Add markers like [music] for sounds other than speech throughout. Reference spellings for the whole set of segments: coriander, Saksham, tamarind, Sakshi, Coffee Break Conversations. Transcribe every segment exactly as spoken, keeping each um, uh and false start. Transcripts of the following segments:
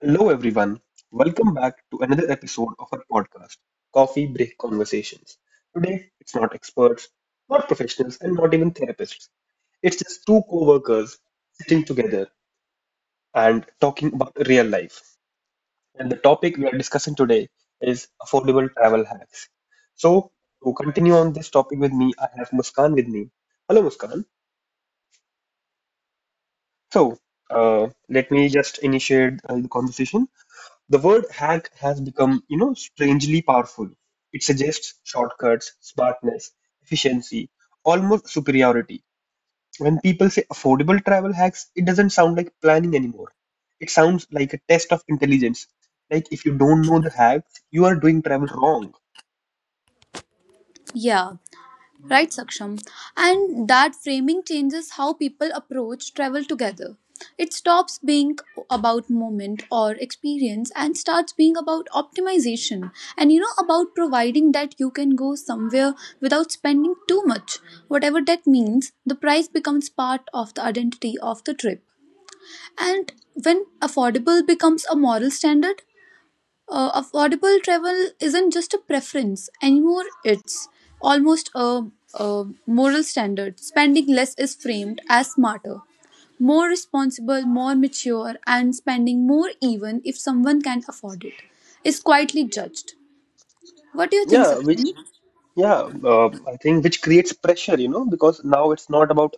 Hello, everyone. Welcome back to another episode of our podcast, Coffee Break Conversations. Today, it's not experts, not professionals, and not even therapists. It's just two co workers sitting together and talking about real life. And the topic we are discussing today is affordable travel hacks. So, to continue on this topic with me, I have Muskan with me. Hello, Muskan. So, uh, let me just initiate uh, the conversation. The word hack has become, you know, strangely powerful. It suggests shortcuts, smartness, efficiency, almost superiority. When people say affordable travel hacks, it doesn't sound like planning anymore. It sounds like a test of intelligence. Like if you don't know the hacks, you are doing travel wrong. Yeah, right, Saksham. And that framing changes how people approach travel together. It stops being about moment or experience and starts being about optimization and you know about providing that you can go somewhere without spending too much. Whatever that means, the price becomes part of the identity of the trip. And when affordable becomes a moral standard, uh, affordable travel isn't just a preference anymore, it's almost a, a moral standard. Spending less is framed as smarter, more responsible, more mature, and spending more even if someone can afford it is quietly judged. What do you think, Yeah, which Sakshi? yeah, um, I think which creates pressure, you know, because now it's not about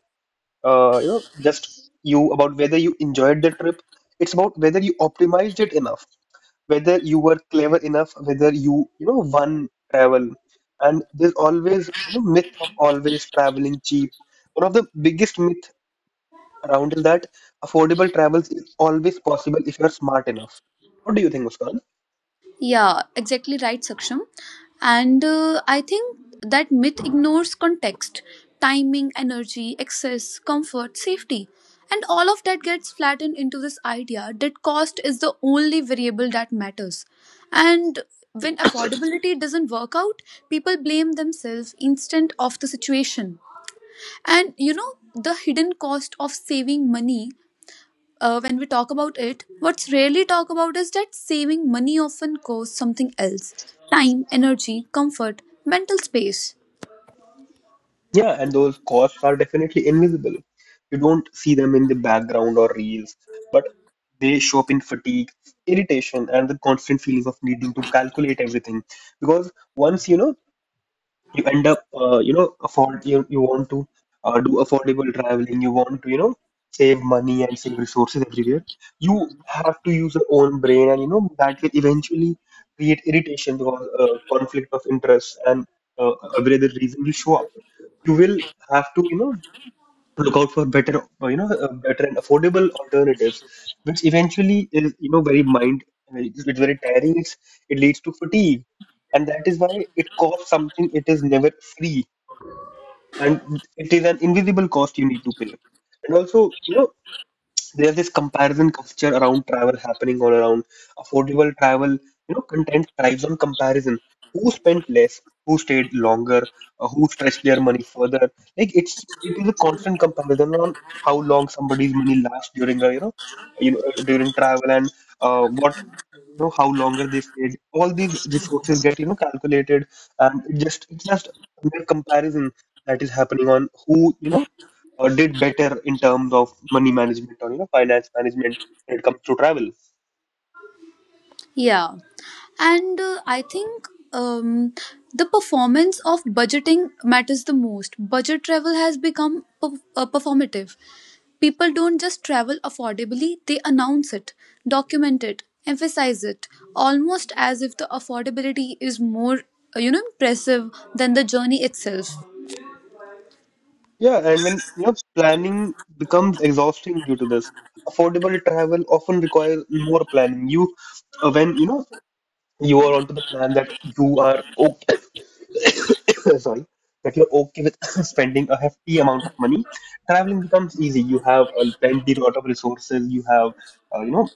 uh, you know, just you about whether you enjoyed the trip. It's about whether you optimized it enough, whether you were clever enough, whether you, you know, won travel. And there's always, you know, myth of always traveling cheap. One of the biggest myth around is that affordable travels is always possible if you're smart enough. What do you think, Muskan? Yeah, exactly right, Saksham. And uh, I think that myth ignores context, timing, energy, excess, comfort, safety. And all of that gets flattened into this idea that cost is the only variable that matters. And when affordability doesn't work out, people blame themselves instead of the situation. And you know, the hidden cost of saving money uh, when we talk about it, what's rarely talked about is that saving money often costs something else time, energy, comfort, mental space. Yeah, and those costs are definitely invisible. You don't see them in the background or reels, but they show up in fatigue, irritation, and the constant feeling of needing to calculate everything. Because once you know you end up uh, you know afford you, you want to uh, do affordable traveling, you want to you know save money and save resources everywhere, you have to use your own brain, and you know that will eventually create irritation because uh, conflict of interest and uh, every other reason will show up. You will have to, you know to look out for better, uh, you know, uh, better and affordable alternatives, which eventually is, you know, very mind, it's it's very tiring. It's, it leads to fatigue, and that is why it costs something. It is never free, and it is an invisible cost you need to pay. And also, you know, there's this comparison culture around travel happening all around. Affordable travel, you know, content thrives on comparison. Who spent less? Who stayed longer? Uh, who stretched their money further? Like it's it is a constant comparison on how long somebody's money lasts during a you know you know during travel, and uh, what you know how longer they stayed. All these resources get, you know, calculated, and it just it's just a mere comparison that is happening on who, you know uh, did better in terms of money management, or you know, finance management when it comes to travel. Yeah. And uh, I think um, the performance of budgeting matters the most. Budget travel has become perf- uh, performative. People don't just travel affordably, they announce it, document it, emphasize it, almost as if the affordability is more, uh, you know, impressive than the journey itself. Yeah, and when you know planning becomes exhausting due to this, affordable travel often requires more planning. You uh, when you know you are onto the plan that you are okay, [coughs] sorry, that you're okay with [coughs] spending a hefty amount of money, traveling becomes easy. You have uh, plenty lot of resources. You have uh, you know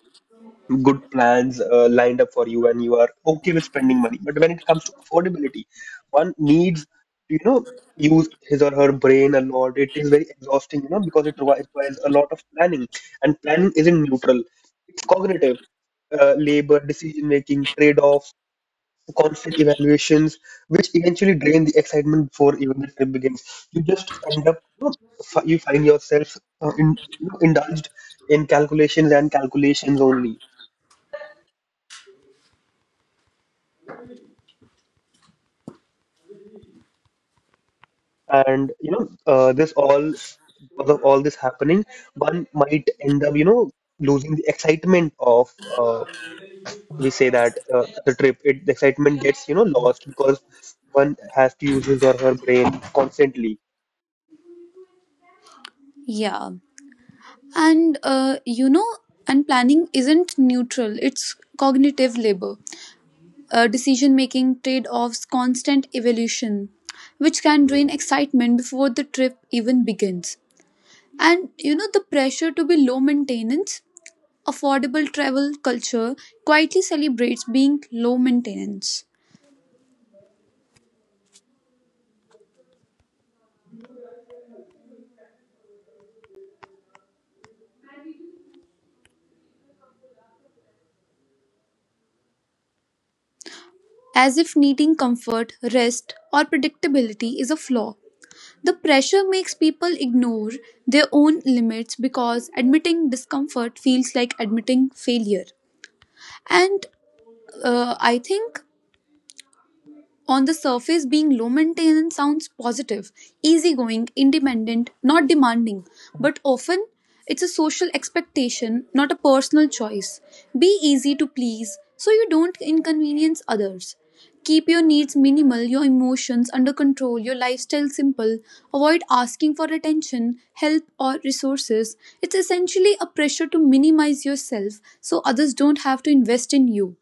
good plans uh, lined up for you, and you are okay with spending money. But when it comes to affordability, one needs to, you know, use his or her brain a lot. It is very exhausting, you know, because it requires requires a lot of planning. And planning isn't neutral, it's cognitive. Uh, labor, decision making, trade offs, constant evaluations, which eventually drain the excitement before even the trip begins. You just end up, you, know, fi- you find yourself uh, in, you know, indulged in calculations and calculations only. And you know, uh, this all because of all this happening, one might end up, you know, losing the excitement of uh, we say that uh, the trip. It the excitement gets, you know, lost because one has to use his or her brain constantly. Yeah. And, uh, you know, and planning isn't neutral, it's cognitive labor, uh, decision making, trade offs, constant evolution, which can drain excitement before the trip even begins. And, you know, the pressure to be low maintenance, affordable travel culture quietly celebrates being low maintenance, as if needing comfort, rest, or predictability is a flaw. The pressure makes people ignore their own limits because admitting discomfort feels like admitting failure. And uh, I think on the surface, being low maintenance sounds positive, easygoing, independent, not demanding, but often it's a social expectation, not a personal choice. Be easy to please so you don't inconvenience others. Keep your needs minimal, your emotions under control, your lifestyle simple. Avoid asking for attention, help, or resources. It's essentially a pressure to minimize yourself so others don't have to invest in you.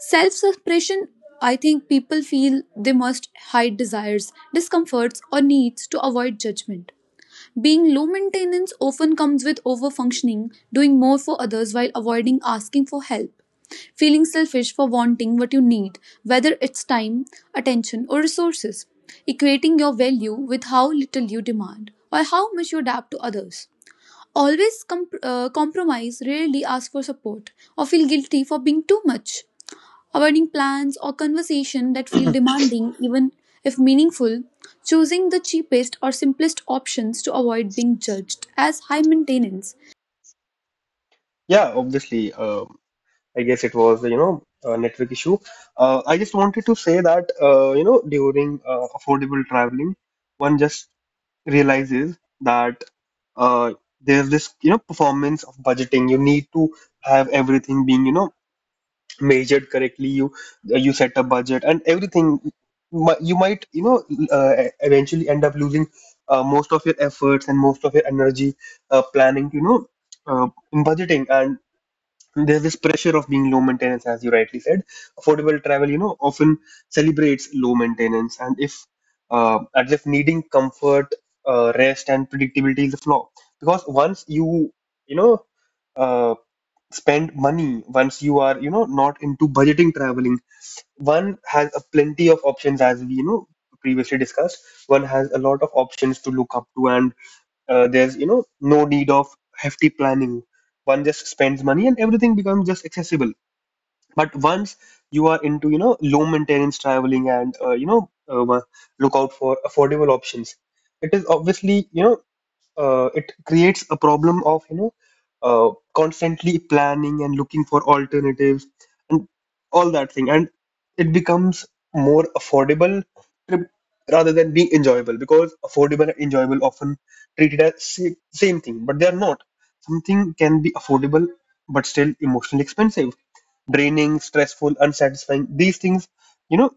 Self suppression, I think people feel they must hide desires, discomforts, or needs to avoid judgment. Being low maintenance often comes with over functioning, doing more for others while avoiding asking for help. Feeling selfish for wanting what you need, whether it's time, attention, or resources. Equating your value with how little you demand or how much you adapt to others. Always comp- uh, compromise, rarely ask for support, or feel guilty for being too much avoiding plans or conversation that feel demanding even if meaningful, choosing the cheapest or simplest options to avoid being judged as high maintenance. Yeah, obviously. Um, I guess it was, you know, a network issue. Uh, I just wanted to say that, uh, you know, during uh, affordable traveling, one just realizes that uh, there's this, you know, performance of budgeting. You need to have everything being, you know, measured correctly. You uh, you set a budget, and everything Mi- you might you know uh, e-, eventually end up losing uh, most of your efforts and most of your energy uh, planning, you know, uh, in budgeting. And there's this pressure of being low maintenance. As you rightly said, affordable travel, you know, often celebrates low maintenance, and if uh, as if needing comfort, uh, rest, and predictability is a flaw. Because once you you know uh, spend money, once you are, you know, not into budgeting traveling, one has a plenty of options. As we, you know, previously discussed, one has a lot of options to look up to, and uh, there's, you know, no need of hefty planning. One just spends money, and everything becomes just accessible. But once you are into, you know, low maintenance traveling and, uh, you know uh, wa- look out for affordable options, it is obviously, you know uh, it creates a problem of, you know uh, constantly planning and looking for alternatives and all that thing, and it becomes more affordable trip rather than being enjoyable, because affordable and enjoyable often treated as sa- same thing, but they are not. Something can be affordable but still emotionally expensive, draining, stressful, unsatisfying. These things, you know,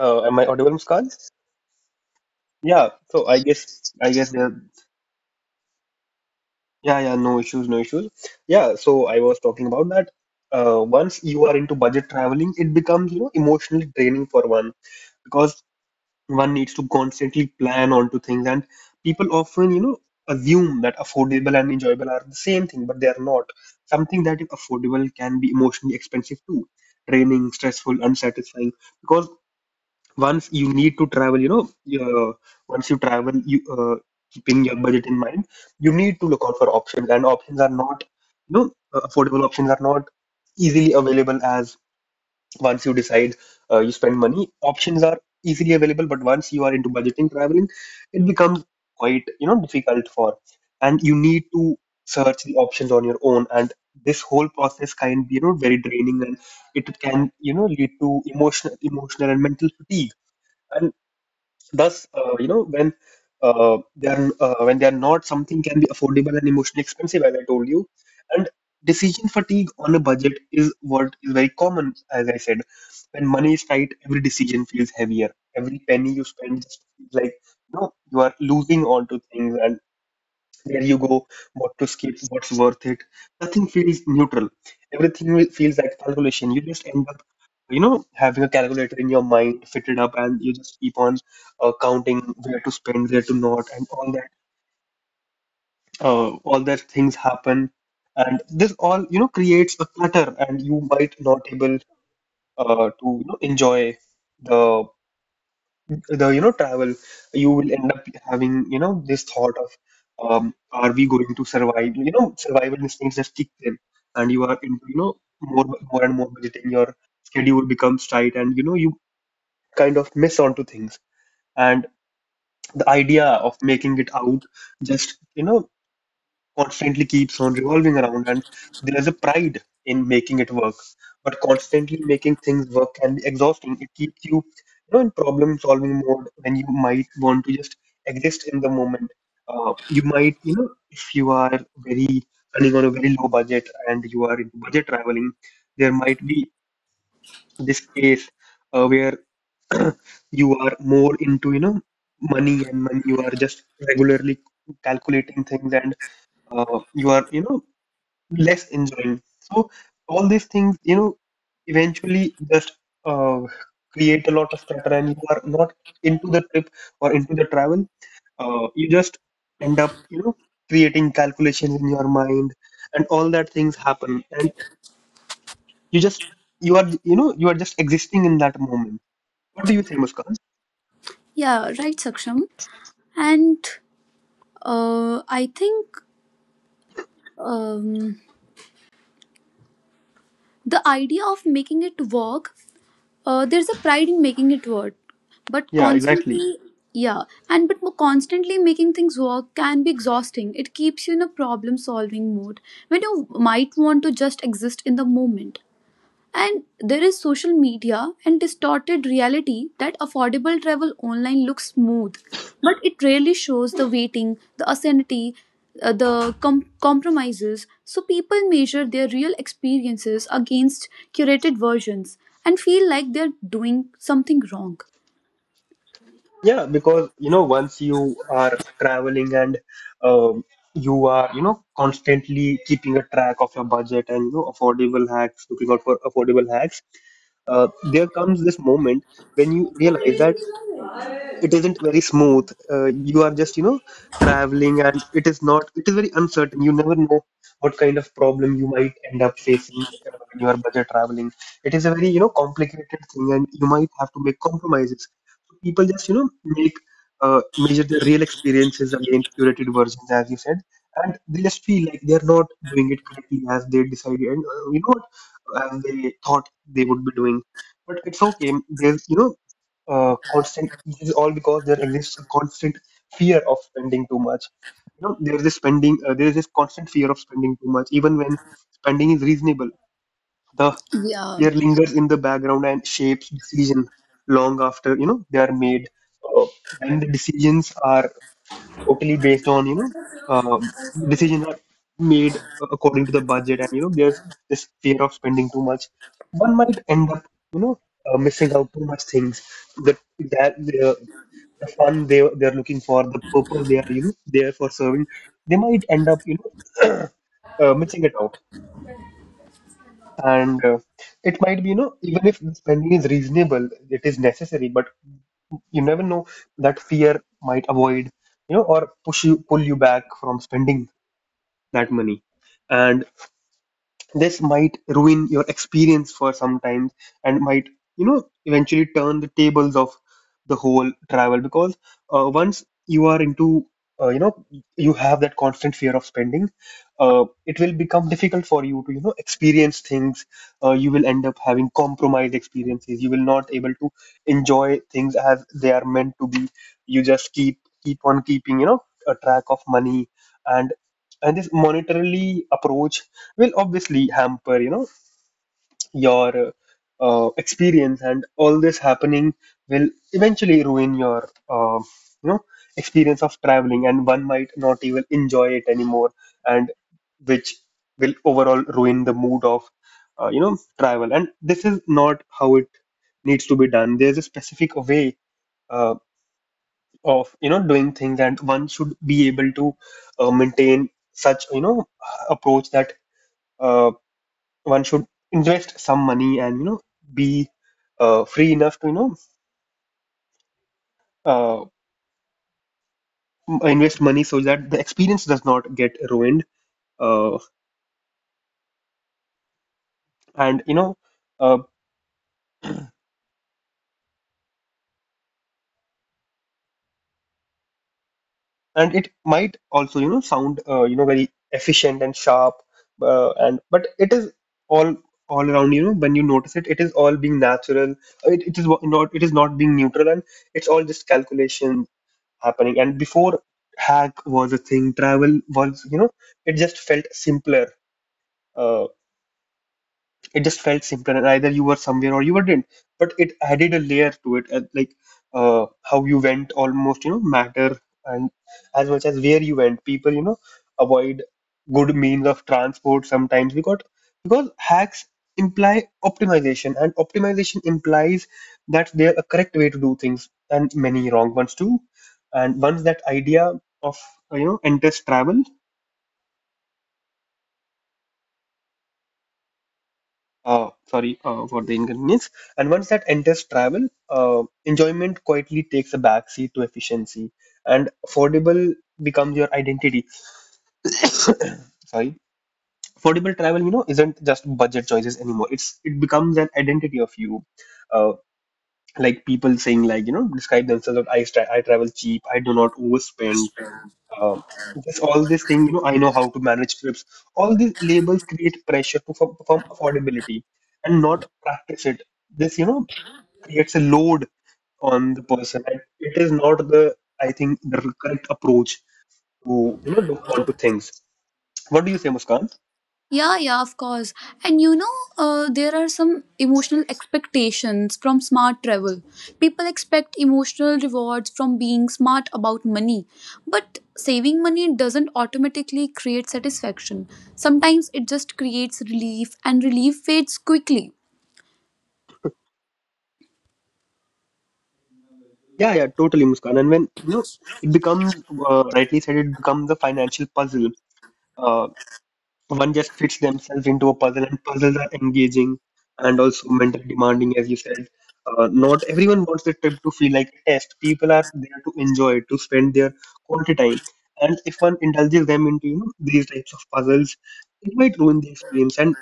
uh, am I audible muskan yeah so i guess i guess there. Yeah, yeah, no issues, no issues. Yeah, so I was talking about that. Uh, once you are into budget traveling, it becomes, you know, emotionally draining for one, because one needs to constantly plan onto things, and people often, you know, assume that affordable and enjoyable are the same thing, but they are not. Something that is affordable can be emotionally expensive too, draining, stressful, unsatisfying. Because once you need to travel, you know, uh, once you travel, you uh, keeping your budget in mind, you need to look out for options, and options are not, you know, uh, affordable options are not easily available. As once you decide uh, you spend money, options are easily available, but once you are into budgeting traveling, it becomes quite, you know, difficult for, and you need to search the options on your own, and this whole process can be, you know, very draining, and it can, you know, lead to emotional, emotional and mental fatigue. And thus, uh, you know, when uh, they are uh, when they are not, something can be affordable and emotionally expensive, as I told you. And decision fatigue on a budget is what is very common, as I said. When money is tight, every decision feels heavier. Every penny you spend just feels like, you know, you are losing onto things, and where you go, what to skip, what's worth it. Nothing feels neutral. Everything will- feels like calculation. You just end up, you know, having a calculator in your mind fitted up, and you just keep on uh, counting where to spend, where to not, and all that. Uh, all that things happen, and this all you know creates a clutter, and you might not able uh, to you know enjoy the the you know travel. You will end up having, you know, this thought of, um, are we going to survive, you know, survival instincts just kick in, and you are into, you know, more more and more budgeting. Your schedule becomes tight, and you know you kind of miss onto things, and the idea of making it out just, you know, constantly keeps on revolving around. And there's a pride in making it work, but constantly making things work can be exhausting. It keeps you, you know, in problem solving mode when you might want to just exist in the moment. Uh, you might, you know, if you are very running on a very low budget and you are into budget traveling, there might be this case uh, where [clears throat] you are more into, you know, money and money, you are just regularly calculating things, and uh, you are, you know, less enjoying. So all these things, you know, eventually just uh, create a lot of clutter, and you are not into the trip or into the travel. Uh, you just end up, you know, creating calculations in your mind, and all that things happen, and you just you are, you know, you are just existing in that moment. What do you say, Muskan? Yeah, right, Saksham. And uh, I think um, the idea of making it work, uh, there's a pride in making it work, but Yeah, exactly. constantly, yeah, and but constantly making things work can be exhausting. It keeps you in a problem solving mode when you might want to just exist in the moment. And there is social media and distorted reality that affordable travel online looks smooth, but it rarely shows the waiting, the insanity, uh, the com- compromises. So people measure their real experiences against curated versions and feel like they're doing something wrong. Yeah, because you know, once you are traveling and um, you are, you know, constantly keeping a track of your budget and, you know, affordable hacks, looking out for affordable hacks, uh, there comes this moment when you realize that it isn't very smooth. Uh, you are just you know traveling, and it is not it is very uncertain. You never know what kind of problem you might end up facing uh, when you are budget traveling. It is a very you know complicated thing, and you might have to make compromises. So people just you know make uh, measure their real experiences against curated versions, as you said, and they just feel like they are not doing it correctly as they decided and, uh, you know what, as they thought they would be doing. But it's okay. There's you know uh, constant this is all because there exists a constant fear of spending too much. You know there is this spending uh, there is this constant fear of spending too much, even when spending is reasonable. The Yeah. fear lingers in the background and shapes decision long after you know they are made. uh, and the decisions are totally based on, you know um, decisions are made according to the budget, and you know there's this fear of spending too much. One might end up you know uh, missing out too much things that that the, the fun they they're looking for, the purpose they are you know there for serving. They might end up you know [clears throat] uh, missing it out, and uh, it might be, you know even if the spending is reasonable, it is necessary. But you never know, that fear might avoid you know or push you pull you back from spending that money, and this might ruin your experience for sometimes and might you know eventually turn the tables of the whole travel. Because uh, once you are into uh, you know you have that constant fear of spending, uh, it will become difficult for you to you know experience things. Uh, you will end up having compromised experiences. You will not able to enjoy things as they are meant to be. You just keep keep on keeping you know a track of money, and and this monetarily approach will obviously hamper you know your uh, uh, experience, and all this happening will eventually ruin your, uh, you know experience of traveling, and one might not even enjoy it anymore, and which will overall ruin the mood of, uh, you know travel. And this is not how it needs to be done. There's a specific way uh, of you know doing things, and one should be able to uh, maintain such you know approach that uh one should invest some money and you know be uh, free enough to you know uh, m- invest money, so that the experience does not get ruined. uh, and you know uh, and it might also you know sound uh, you know very efficient and sharp, uh, and but it is all all around. You know when you notice it it is all being natural. It, it is wa- not it is not being neutral, and it's all just calculation happening. And before hack was a thing, travel was, you know it just felt simpler. uh, it just felt simpler, and either you were somewhere or you weren't. But it added a layer to it, and like, uh, how you went almost, you know matter, and as much as where you went, people you know avoid good means of transport sometimes, because because hacks imply optimization, and optimization implies that there are a correct way to do things and many wrong ones too. And once that idea of, uh, you know enters travel, uh, sorry, uh, for the inconvenience. And once that enters travel, uh, enjoyment quietly takes a backseat to efficiency, and affordable becomes your identity. Sorry, affordable travel, you know, isn't just budget choices anymore. It's it becomes an identity of you. Uh, like people saying, like, you know, describe themselves as, I tra- I travel cheap, I do not overspend. Um, just all this thing, you know, I know how to manage trips. All these labels create pressure to perform perform affordability and not practice it. This, you know creates a load on the person, and it is not, the I think, the correct approach to you know look onto things. What do you say, Muskan? Yeah, yeah, of course. And you know, uh, there are some emotional expectations from smart travel. People expect emotional rewards from being smart about money, but saving money doesn't automatically create satisfaction. Sometimes it just creates relief, and relief fades quickly. Yeah, yeah, totally, Muskan. And when you know it becomes, uh, rightly said, it becomes a financial puzzle. Uh, One just fits themselves into a puzzle, and puzzles are engaging and also mentally demanding, as you said. Uh, not everyone wants the trip to feel like a test. People are there to enjoy, to spend their quality time. And if one indulges them into, you know, these types of puzzles, it might ruin the experience. And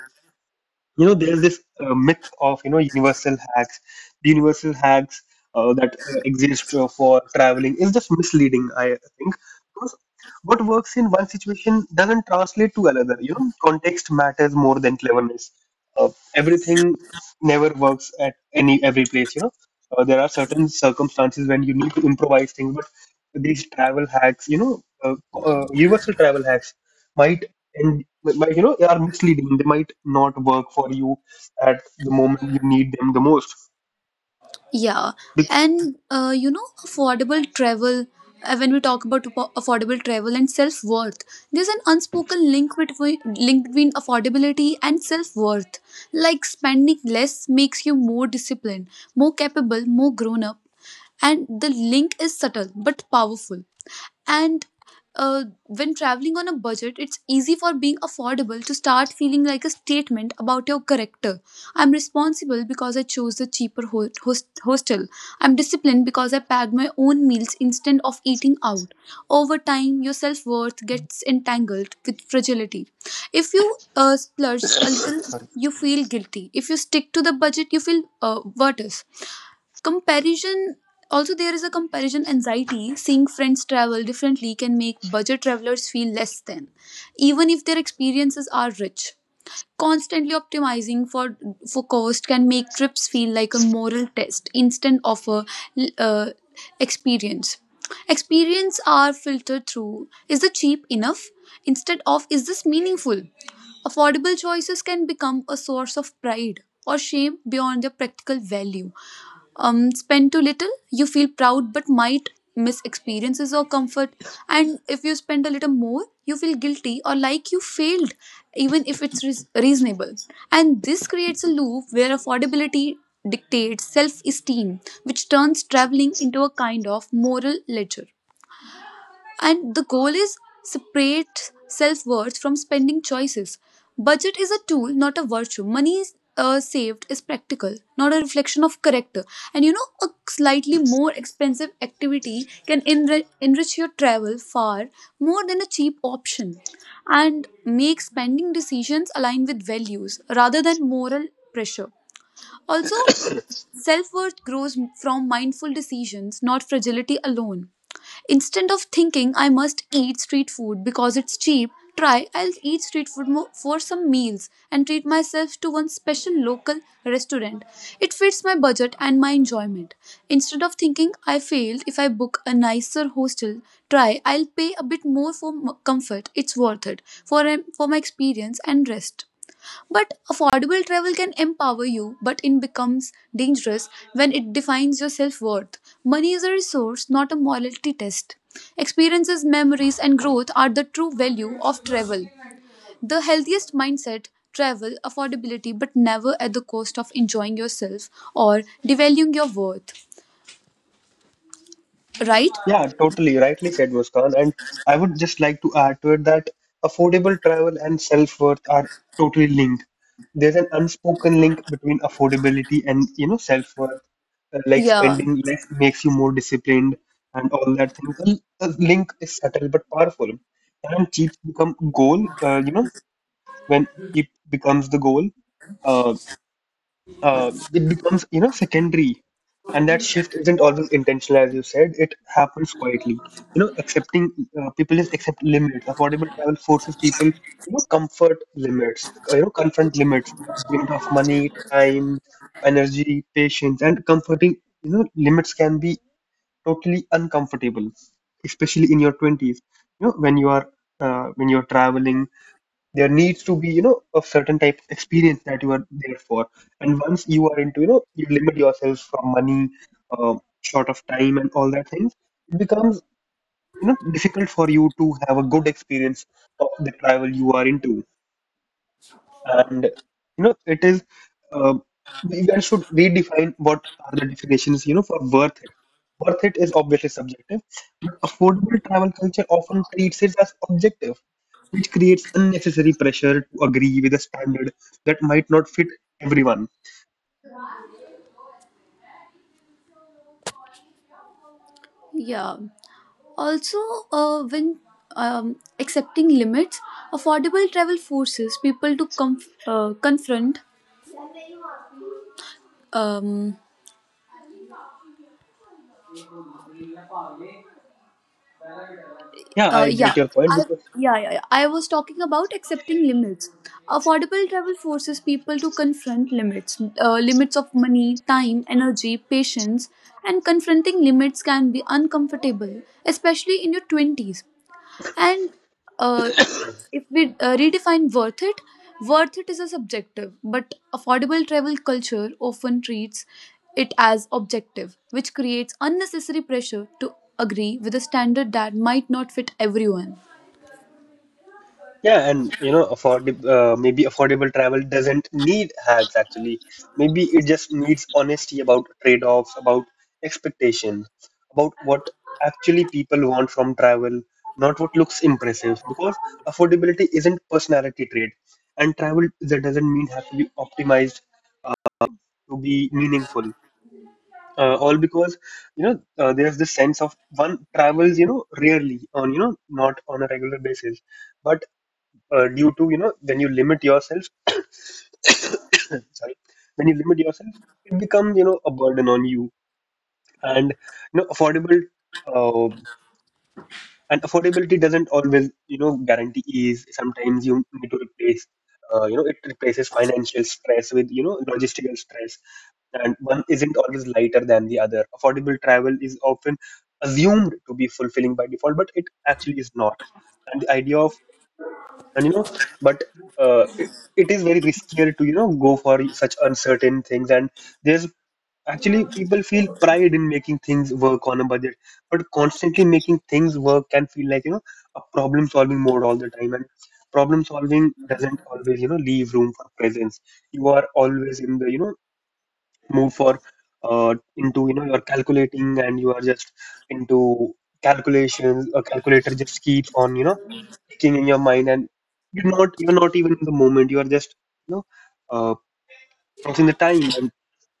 you know there's this uh, myth of, you know universal hacks. the universal hacks uh, that uh, exist uh, for traveling is just misleading, I think, because what works in one situation doesn't translate to another. You know context matters more than cleverness. uh, Everything never works at any every place. You know uh, there are certain circumstances when you need to improvise things, but these travel hacks, you know uh, uh, universal travel hacks might en- but you know they are misleading. They might not work for you at the moment you need them the most. Yeah, Be- and uh, you know, affordable travel. Uh, when we talk about affo- affordable travel and self worth, there's an unspoken link between link between affordability and self worth. Like spending less makes you more disciplined, more capable, more grown up, and the link is subtle but powerful. And uh, when traveling on a budget, it's easy for being affordable to start feeling like a statement about your character. I'm responsible because I chose the cheaper ho- host- hostel. I'm disciplined because I packed my own meals instead of eating out. Over time, your self worth gets entangled with fragility. If you uh, splurge a little, [coughs] sorry. you feel guilty. If you stick to the budget, you feel uh, worse. Comparison also there is a comparison anxiety. Seeing friends travel differently can make budget travelers feel less than, even if their experiences are rich. Constantly optimizing for for cost can make trips feel like a moral test instead of a uh, experience. Experience are filtered through is the cheap enough instead of is this meaningful. Affordable choices can become a source of pride or shame beyond their practical value um, spend too little, you feel proud but might miss experiences or comfort. And if you spend a little more, you feel guilty or like you failed, even if it's reas reasonable. And this creates a loop where affordability dictates self esteem, which turns traveling into a kind of moral ledger. And the goal is separate self worth from spending choices. Budget is a tool, not a virtue. Money is, uh, saved is practical, not a reflection of character. And you know, a slightly more expensive activity can enri- enrich your travel far more than a cheap option and make spending decisions align with values rather than moral pressure. Also, self worth grows from mindful decisions, not fragility alone. Instead of thinking I must eat street food because it's cheap, try I'll eat street food mo- for some meals and treat myself to one special local restaurant. It fits my budget and my enjoyment. Instead of thinking I failed if I book a nicer hostel, try I'll pay a bit more for m- comfort. It's worth it for for my experience and rest. But affordable travel can empower you, but it becomes dangerous when it defines your self worth. Money is a resource, not a morality test. Experiences, memories, and growth are the true value of travel. The healthiest mindset travel, affordability, but never at the cost of enjoying yourself or devaluing your worth. Right? Yeah, totally, rightly said, Muskan, and I would just like to add to it that affordable travel and self-worth are totally linked. There's an unspoken link between affordability and, you know self-worth. Uh, like, Yeah. spending less makes you more disciplined and all that thing. A, a link is subtle but powerful, and cheap become goal uh, you know when it becomes the goal, uh, uh, it becomes, you know secondary, and that shift isn't always intentional, as you said. It happens quietly. You know, accepting, uh, people just accept limits. Affordable travel forces people you know comfort limits. Uh, You know, confront limits. Limit of money, time, energy, patience, and comforting. You know, limits can be totally uncomfortable, especially in your twenties. You know, when you are, uh, when you're traveling, there needs to be, you know a certain type of experience that you are there for. And once you are into, you know you limit yourself from money, um, short of time and all that things, it becomes, you know difficult for you to have a good experience of the travel you are into. And you know it is, uh, we guys should redefine what are the definitions, you know for worth it. Worth it is obviously subjective, but affordable travel culture often treats it as objective, which creates unnecessary pressure to agree with a standard that might not fit everyone. Yeah. Also, uh, when um, accepting limits, affordable travel forces people to comf- uh, confront. Um, Yeah, uh, I get yeah, your point, I because yeah, yeah yeah. I was talking about accepting limits. Affordable travel forces people to confront limits, uh, limits of money, time, energy, patience, and confronting limits can be uncomfortable, especially in your twenties. And uh, if we uh, redefine worth it, worth it is a subjective, but affordable travel culture often treats it as objective, which creates unnecessary pressure to agree with a standard that might not fit everyone. yeah, and you know, affordable, uh, maybe affordable travel doesn't need hacks actually. Maybe it just needs honesty about trade-offs, about expectations, about what actually people want from travel, not what looks impressive. Because affordability isn't personality trait, and travel that doesn't mean have to be optimized to be meaningful. Uh, all because, you know uh, there's this sense of, one travels, you know rarely, on, you know not on a regular basis, but uh, due to, you know when you limit yourself, [coughs] sorry, when you limit yourself, it becomes, you know a burden on you. And you know affordable, uh, and affordability doesn't always, you know guarantee ease. Sometimes you need to replace uh, you know it replaces financial stress with, you know logistical stress, and one isn't always lighter than the other. Affordable travel is often assumed to be fulfilling by default, but it actually is not. And the idea of, and you know but uh, it, it is very riskier to, you know go for such uncertain things. And there's actually, people feel pride in making things work on a budget, but constantly making things work can feel like, you know, a problem solving mode all the time. And problem solving doesn't always, you know, leave room for presence. You are always in the, you know, move for, uh, into, you know, you're calculating and you are just into calculations. A calculator just keeps on, you know, ticking in your mind, and you're not, you're not even in the moment. You are just, you know, uh, counting the time. And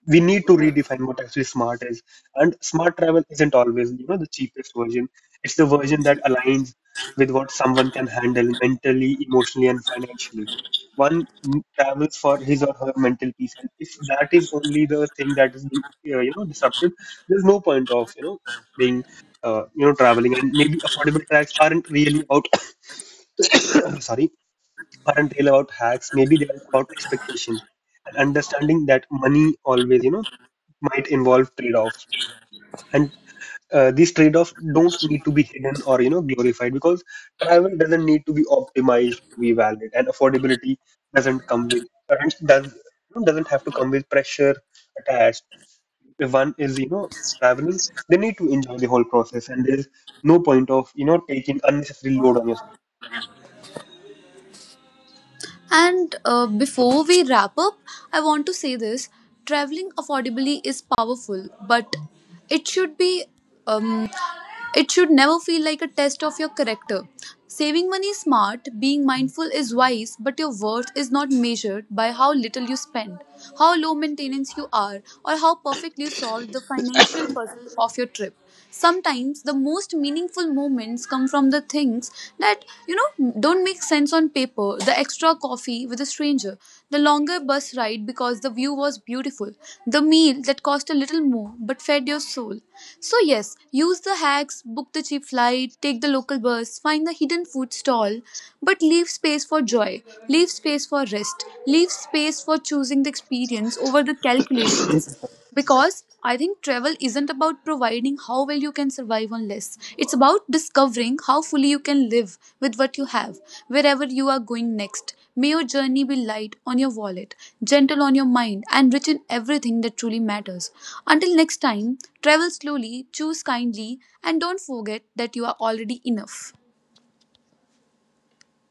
we need to redefine what actually smart is. And smart travel isn't always, you know the cheapest version. It's the version that aligns with what someone can handle mentally, emotionally, and financially. One m- travels for his or her mental peace, and if that is only the thing that is being, uh, you know disrupted, there's no point of, you know being, uh, you know traveling. And maybe affordable tracks aren't really about, [coughs] sorry, aren't really about hacks. Maybe they're about expectations, and understanding that money always, you know might involve trade-offs. And uh, these trade-offs don't need to be hidden or, you know glorified, because travel doesn't need to be optimized to be valid, and affordability doesn't come with doesn't does- doesn't have to come with pressure attached. If one is, you know traveling, they need to enjoy the whole process, and there's no point of, you know taking unnecessary load on yourself. And uh, before we wrap up, I want to say this traveling affordably is powerful, but it should be. Um, It should never feel like a test of your character. Saving money is smart, being mindful is wise, but your worth is not measured by how little you spend, how low maintenance you are, or how perfectly you solved the financial puzzle of your trip. Sometimes the most meaningful moments come from the things that, you know, don't make sense on paper, the extra coffee with a stranger, the longer bus ride because the view was beautiful, the meal that cost a little more but fed your soul. So, yes, use the hacks, book the cheap flight, take the local bus, find the hidden food stall, but leave space for joy, leave space for rest, leave space for choosing the experience over the calculations because I think travel isn't about providing how well you can survive on less. It's about discovering how fully you can live with what you have, wherever you are going next. May your journey be light on your wallet, gentle on your mind, and rich in everything that truly matters. Until next time, travel slowly, choose kindly, and don't forget that you are already enough.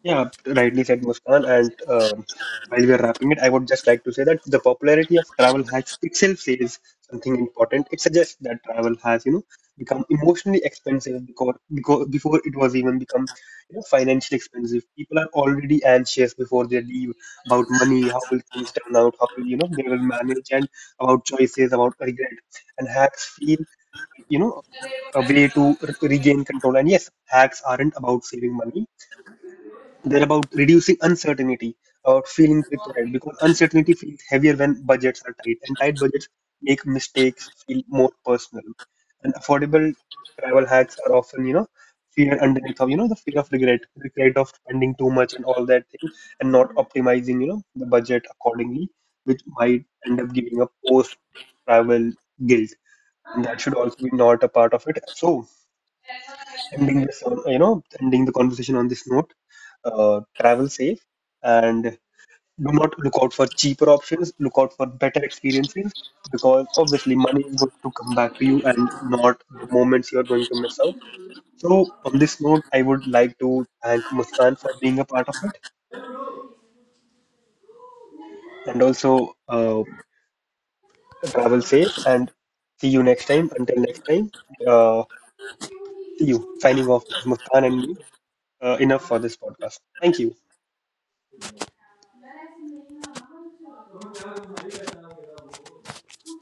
Yeah, rightly said, Muskan. And um, while we are wrapping it, I would just like to say that the popularity of travel hacks itself says something important. It suggests that travel has, you know, become emotionally expensive, because, because before it was even become, you know, financially expensive. People are already anxious before they leave, about money, how will things turn out, how will, you know, they will manage, and about choices, about regret. And hacks feel, you know, a way to re- regain control. And yes, hacks aren't about saving money, they're about reducing uncertainty, about feeling prepared, because uncertainty feels heavier when budgets are tight, and tight budgets make mistakes feel more personal. And affordable travel hacks are often, you know, fear underneath of, you know, the fear of regret, regret of spending too much and all that thing, and not optimizing, you know, the budget accordingly, which might end up giving a post travel guilt, and that should also be not a part of it. So, ending this, on, you know, ending the conversation on this note, uh, travel safe, and do not look out for cheaper options, look out for better experiences, because obviously money is going to come back to you, and not the moments you are going to miss out. So, on this note, I would like to thank Muskan for being a part of it, and also, uh, travel safe and see you next time. Until next time, uh, see you. Signing off, this is Muskan and me. Uh, enough for this podcast. Thank you.